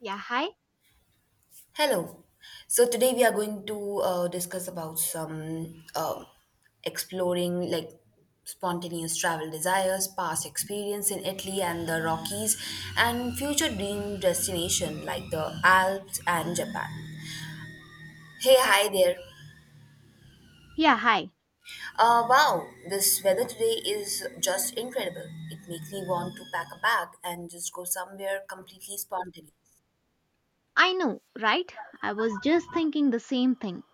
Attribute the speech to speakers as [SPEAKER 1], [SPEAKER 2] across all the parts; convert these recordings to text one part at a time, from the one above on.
[SPEAKER 1] Yeah, hi.
[SPEAKER 2] Hello. So today we are going to discuss about some exploring like spontaneous travel desires, past experience in Italy and the Rockies, and future dream destination like the Alps and Japan. Hey, hi there.
[SPEAKER 1] Yeah, hi.
[SPEAKER 2] Wow, this weather today is just incredible. It makes me want to pack a bag and just go somewhere completely spontaneous.
[SPEAKER 1] I know, right? I was just thinking the same thing.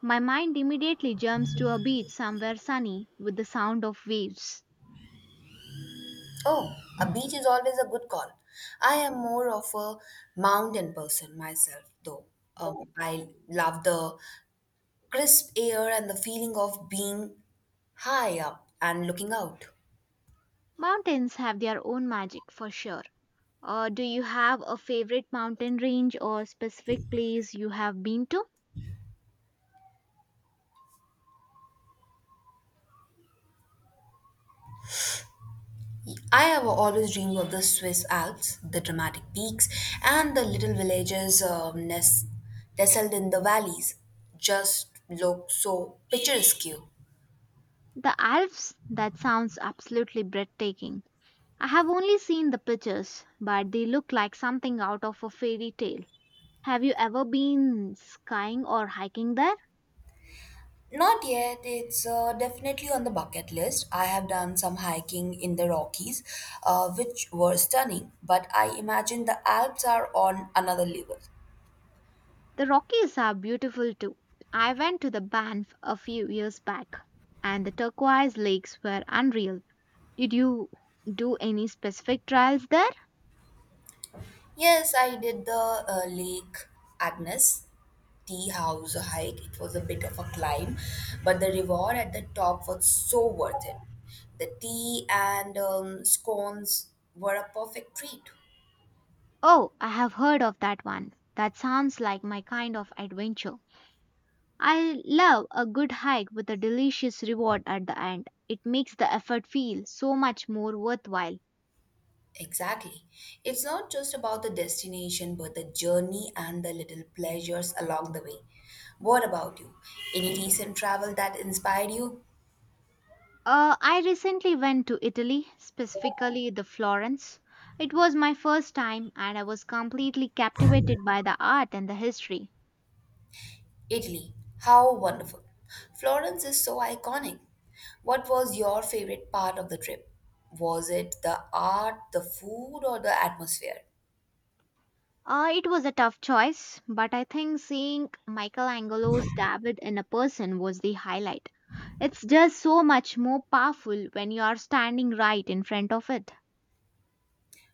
[SPEAKER 1] My mind immediately jumps to a beach somewhere sunny with the sound of waves.
[SPEAKER 2] Oh, a beach is always a good call. I am more of a mountain person myself, though. I love the crisp air and the feeling of being high up and looking out.
[SPEAKER 1] Mountains have their own magic for sure. Do you have a favorite mountain range or specific place you have been to?
[SPEAKER 2] I have always dreamed of the Swiss Alps, the dramatic peaks, and the little villages nestled in the valleys. Just look so picturesque.
[SPEAKER 1] The Alps? That sounds absolutely breathtaking. I have only seen the pictures, but they look like something out of a fairy tale. Have you ever been skiing or hiking there?
[SPEAKER 2] Not yet. It's definitely on the bucket list. I have done some hiking in the Rockies, which were stunning, but I imagine the Alps are on another level.
[SPEAKER 1] The Rockies are beautiful too. I went to the Banff a few years back and the turquoise lakes were unreal. Did you do any specific trials there?
[SPEAKER 2] Yes, I did the Lake Agnes tea house hike. It was a bit of a climb, but the reward at the top was so worth it. The tea and scones were a perfect treat.
[SPEAKER 1] Oh, I have heard of that one. That sounds like my kind of adventure. I love a good hike with a delicious reward at the end. It makes the effort feel so much more worthwhile.
[SPEAKER 2] Exactly. It's not just about the destination, but the journey and the little pleasures along the way. What about you? Any recent travel that inspired you?
[SPEAKER 1] I recently went to Italy, specifically the Florence. It was my first time and I was completely captivated by the art and the history.
[SPEAKER 2] Italy. How wonderful. Florence is so iconic. What was your favorite part of the trip? Was it the art, the food, or the atmosphere?
[SPEAKER 1] It was a tough choice, but I think seeing Michelangelo's David in a person was the highlight. It's just so much more powerful when you are standing right in front of it.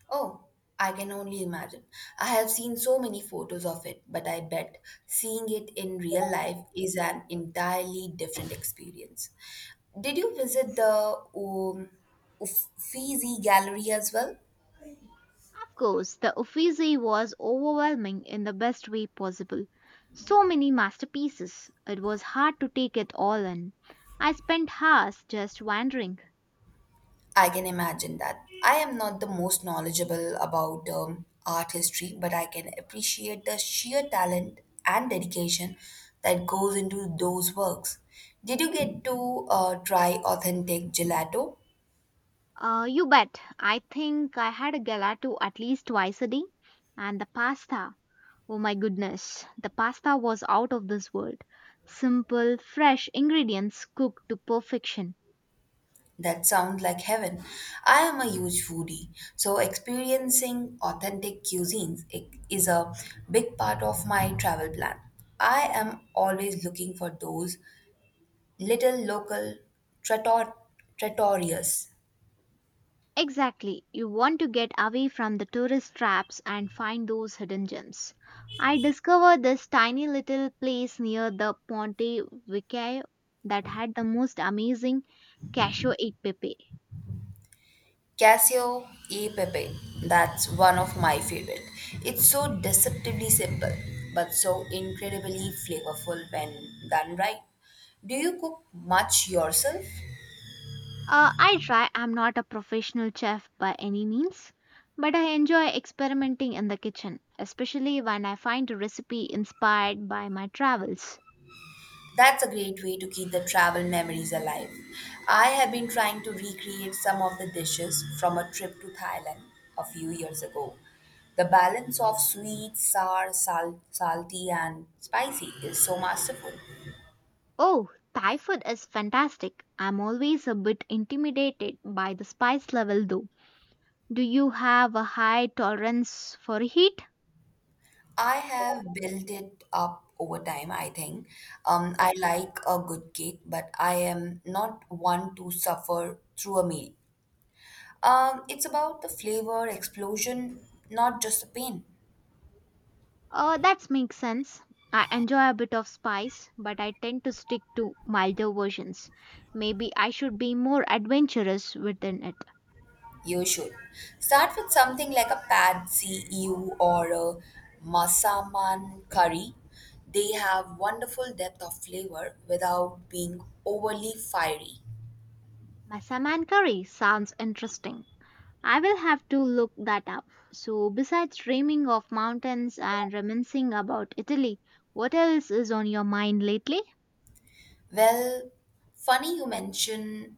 [SPEAKER 2] Oh, I can only imagine. I have seen so many photos of it, but I bet seeing it in real life is an entirely different experience. Did you visit the Uffizi Gallery as well?
[SPEAKER 1] Of course, the Uffizi was overwhelming in the best way possible. So many masterpieces. It was hard to take it all in. I spent hours just wandering.
[SPEAKER 2] I can imagine that. I am not the most knowledgeable about art history, but I can appreciate the sheer talent and dedication that goes into those works. Did you get to try authentic gelato?
[SPEAKER 1] You bet. I think I had a gelato at least twice a day. And the pasta. Oh my goodness. The pasta was out of this world. Simple, fresh ingredients cooked to perfection.
[SPEAKER 2] That sounds like heaven. I am a huge foodie, so experiencing authentic cuisines is a big part of my travel plan. I am always looking for those little local trattor- trattorias.
[SPEAKER 1] Exactly. You want to get away from the tourist traps and find those hidden gems. I discovered this tiny little place near the Ponte Vecchio that had the most amazing cashew e pepe.
[SPEAKER 2] Casio e Pepe, that's one of my favorite. It's so deceptively simple, but so incredibly flavorful when done right. Do you cook much yourself?
[SPEAKER 1] I try. I'm not a professional chef by any means, but I enjoy experimenting in the kitchen, especially when I find a recipe inspired by my travels.
[SPEAKER 2] That's a great way to keep the travel memories alive. I have been trying to recreate some of the dishes from a trip to Thailand a few years ago. The balance of sweet, sour, salty, and spicy is so masterful.
[SPEAKER 1] Oh, Thai food is fantastic. I'm always a bit intimidated by the spice level though. Do you have a high tolerance for heat?
[SPEAKER 2] I have built it up over time, I think. I like a good cake, but I am not one to suffer through a meal. It's about the flavor explosion, not just the pain.
[SPEAKER 1] That makes sense. I enjoy a bit of spice, but I tend to stick to milder versions. Maybe I should be more adventurous within it.
[SPEAKER 2] You should. Start with something like a pad see ew or a masaman curry. They have wonderful depth of flavor without being overly fiery.
[SPEAKER 1] Masaman curry sounds interesting. I will have to look that up. So, besides dreaming of mountains and reminiscing about Italy, what else is on your mind lately?
[SPEAKER 2] Well, funny you mention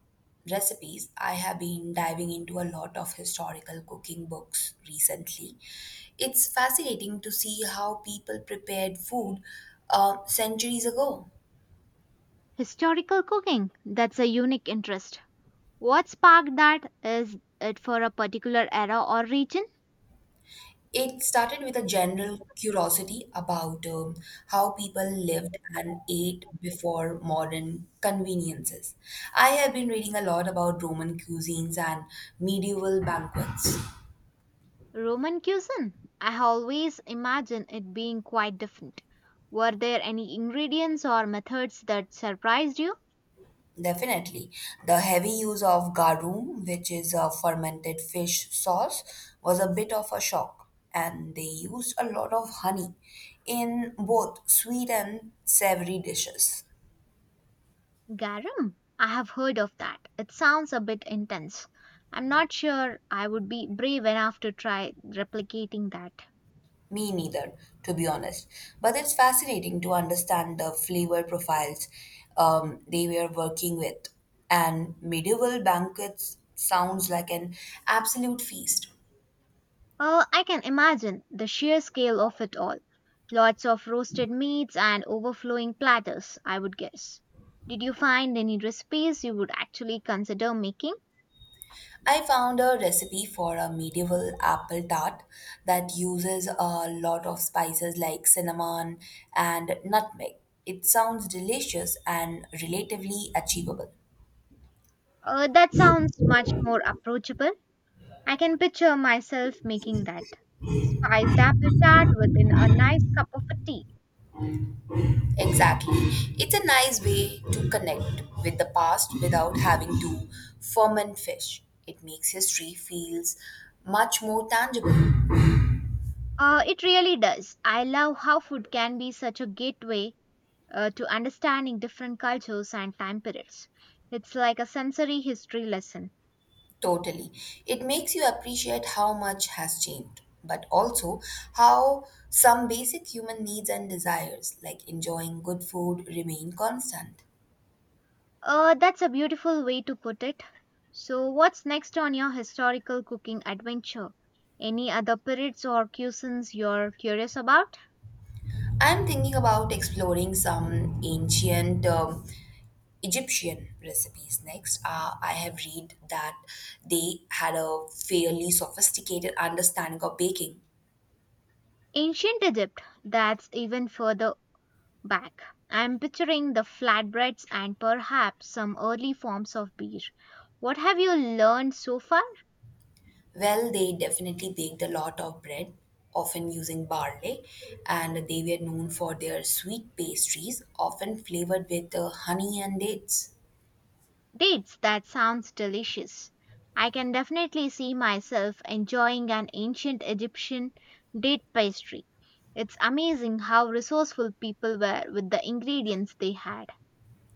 [SPEAKER 2] recipes. I have been diving into a lot of historical cooking books recently. It's fascinating to see how people prepared food centuries ago.
[SPEAKER 1] Historical cooking. That's a unique interest. What sparked that? Is it for a particular era or region?
[SPEAKER 2] It started with a general curiosity about how people lived and ate before modern conveniences. I have been reading a lot about Roman cuisines and medieval banquets.
[SPEAKER 1] Roman cuisine. I always imagine it being quite different. Were there any ingredients or methods that surprised you?
[SPEAKER 2] Definitely. The heavy use of garum, which is a fermented fish sauce, was a bit of a shock, and they used a lot of honey in both sweet and savory dishes.
[SPEAKER 1] Garum. I have heard of that. It sounds a bit intense. I'm not sure I would be brave enough to try replicating that.
[SPEAKER 2] Me neither, to be honest. But it's fascinating to understand the flavor profiles they were working with. And medieval banquets sounds like an absolute feast.
[SPEAKER 1] Oh, I can imagine the sheer scale of it all. Lots of roasted meats and overflowing platters, I would guess. Did you find any recipes you would actually consider making?
[SPEAKER 2] I found a recipe for a medieval apple tart that uses a lot of spices like cinnamon and nutmeg. It sounds delicious and relatively achievable.
[SPEAKER 1] Oh, that sounds much more approachable. I can picture myself making that. Spiced apple tart within a nice cup of a tea.
[SPEAKER 2] Exactly. It's a nice way to connect with the past without having to ferment fish. It makes history feels much more tangible.
[SPEAKER 1] It really does. I love how food can be such a gateway to understanding different cultures and time periods. It's like a sensory history lesson.
[SPEAKER 2] Totally. It makes you appreciate how much has changed, but also how some basic human needs and desires like enjoying good food remain constant.
[SPEAKER 1] That's a beautiful way to put it. So, what's next on your historical cooking adventure? Any other periods or cuisines you're curious about?
[SPEAKER 2] I'm thinking about exploring some ancient Egyptian recipes next. I have read that they had a fairly sophisticated understanding of baking.
[SPEAKER 1] Ancient Egypt, that's even further back. I'm picturing the flatbreads and perhaps some early forms of beer. What have you learned so far?
[SPEAKER 2] Well, they definitely baked a lot of bread, often using barley, and they were known for their sweet pastries, often flavored with honey and dates.
[SPEAKER 1] Dates, that sounds delicious. I can definitely see myself enjoying an ancient Egyptian date pastry. It's amazing how resourceful people were with the ingredients they had.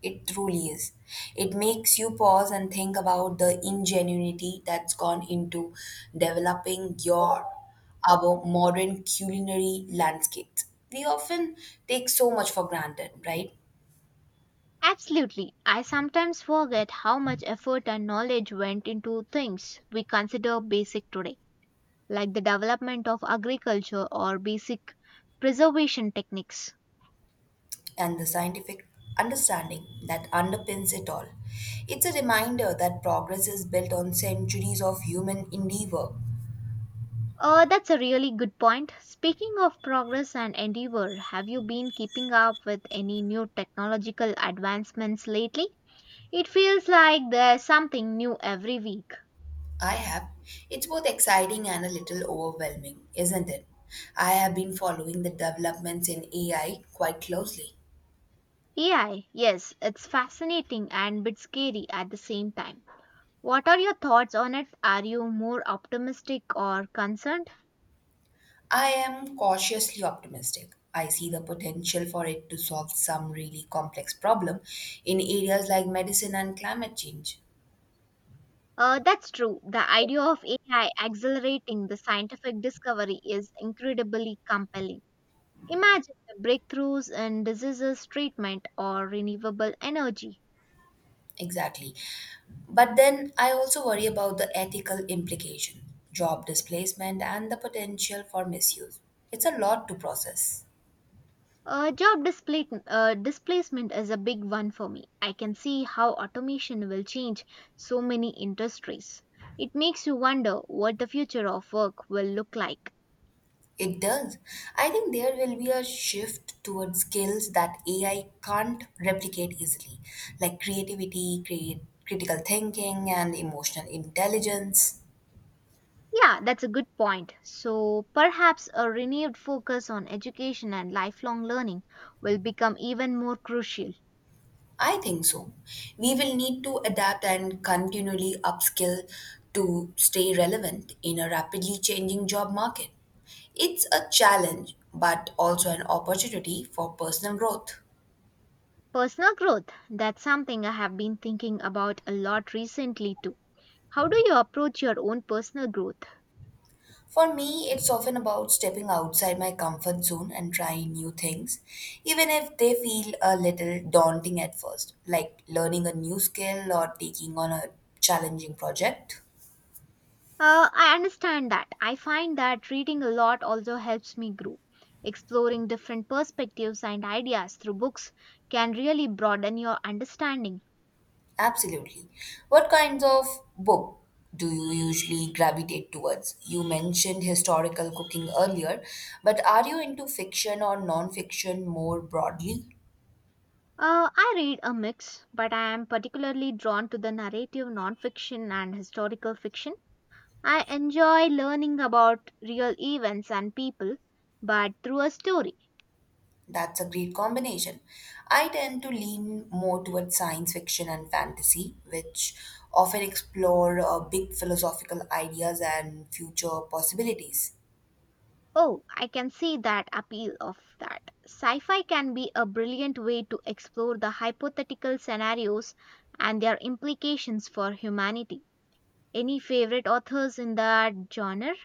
[SPEAKER 2] It truly is. It makes you pause and think about the ingenuity that's gone into developing your our modern culinary landscapes. We often take so much for granted, right?
[SPEAKER 1] Absolutely. I sometimes forget how much effort and knowledge went into things we consider basic today, like the development of agriculture or basic preservation techniques.
[SPEAKER 2] And the scientific understanding that underpins it all. It's a reminder that progress is built on centuries of human endeavor.
[SPEAKER 1] That's a really good point. Speaking of progress and endeavor, have you been keeping up with any new technological advancements lately? It feels like there's something new every week.
[SPEAKER 2] I have. It's both exciting and a little overwhelming, isn't it? I have been following the developments in AI quite closely.
[SPEAKER 1] AI, yes, it's fascinating and a bit scary at the same time. What are your thoughts on it? Are you more optimistic or concerned?
[SPEAKER 2] I am cautiously optimistic. I see the potential for it to solve some really complex problem in areas like medicine and climate change.
[SPEAKER 1] That's true. The idea of AI accelerating the scientific discovery is incredibly compelling. Imagine the breakthroughs in diseases treatment or renewable energy.
[SPEAKER 2] Exactly. But then I also worry about the ethical implication, job displacement and the potential for misuse. It's a lot to process.
[SPEAKER 1] Job displacement is a big one for me. I can see how automation will change so many industries. It makes you wonder what the future of work will look like.
[SPEAKER 2] It does. I think there will be a shift towards skills that AI can't replicate easily, like creativity, critical thinking, and emotional intelligence.
[SPEAKER 1] Yeah, that's a good point. So perhaps a renewed focus on education and lifelong learning will become even more crucial.
[SPEAKER 2] I think so. We will need to adapt and continually upskill to stay relevant in a rapidly changing job market. It's a challenge, but also an opportunity for personal growth.
[SPEAKER 1] Personal growth, that's something I have been thinking about a lot recently too. How do you approach your own personal growth?
[SPEAKER 2] For me, it's often about stepping outside my comfort zone and trying new things, even if they feel a little daunting at first, like learning a new skill or taking on a challenging project.
[SPEAKER 1] I understand that. I find that reading a lot also helps me grow. Exploring different perspectives and ideas through books can really broaden your understanding.
[SPEAKER 2] Absolutely. What kinds of book do you usually gravitate towards? You mentioned historical cooking earlier, but are you into fiction or non fiction more broadly?
[SPEAKER 1] I read a mix, but I am particularly drawn to the narrative nonfiction and historical fiction. I enjoy learning about real events and people, but through a story.
[SPEAKER 2] That's a great combination. I tend to lean more towards science fiction and fantasy, which often explore big philosophical ideas and future possibilities.
[SPEAKER 1] Oh, I can see that appeal of that. Sci fi can be a brilliant way to explore the hypothetical scenarios and their implications for humanity. Any favorite authors in that genre?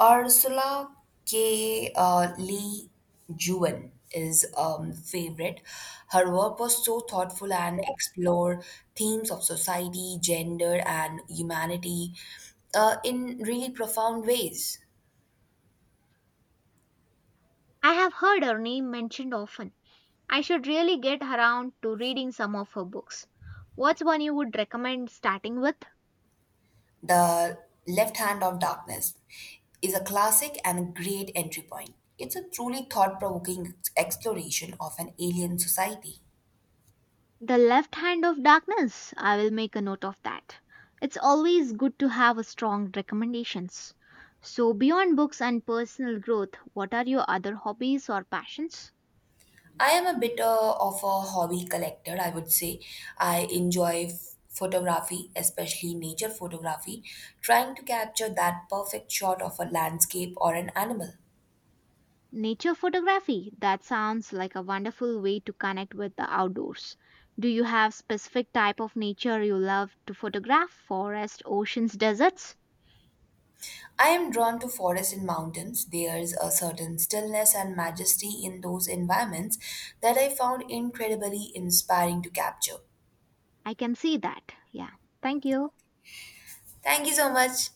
[SPEAKER 2] Ursula K. Lee Jewin is favorite. Her work was so thoughtful and explore themes of society, gender, and humanity in really profound ways.
[SPEAKER 1] I have heard her name mentioned often. I should really get around to reading some of her books. What's one you would recommend starting with?
[SPEAKER 2] The Left Hand of Darkness is a classic and great entry point. It's a truly thought provoking exploration of an alien society.
[SPEAKER 1] The left hand of darkness. I will make a note of that. It's always good to have a strong recommendations. So beyond books and personal growth, what are your other hobbies or passions?
[SPEAKER 2] I am a bit of a hobby collector, I would say. I enjoy photography, especially nature photography, trying to capture that perfect shot of a landscape or an animal.
[SPEAKER 1] Nature photography. That sounds like a wonderful way to connect with the outdoors. Do you have specific type of nature you love to photograph? Forest, oceans, deserts?
[SPEAKER 2] I am drawn to forests and mountains. There's a certain stillness and majesty in those environments that I found incredibly inspiring to capture.
[SPEAKER 1] I can see that. Yeah. Thank you.
[SPEAKER 2] Thank you so much.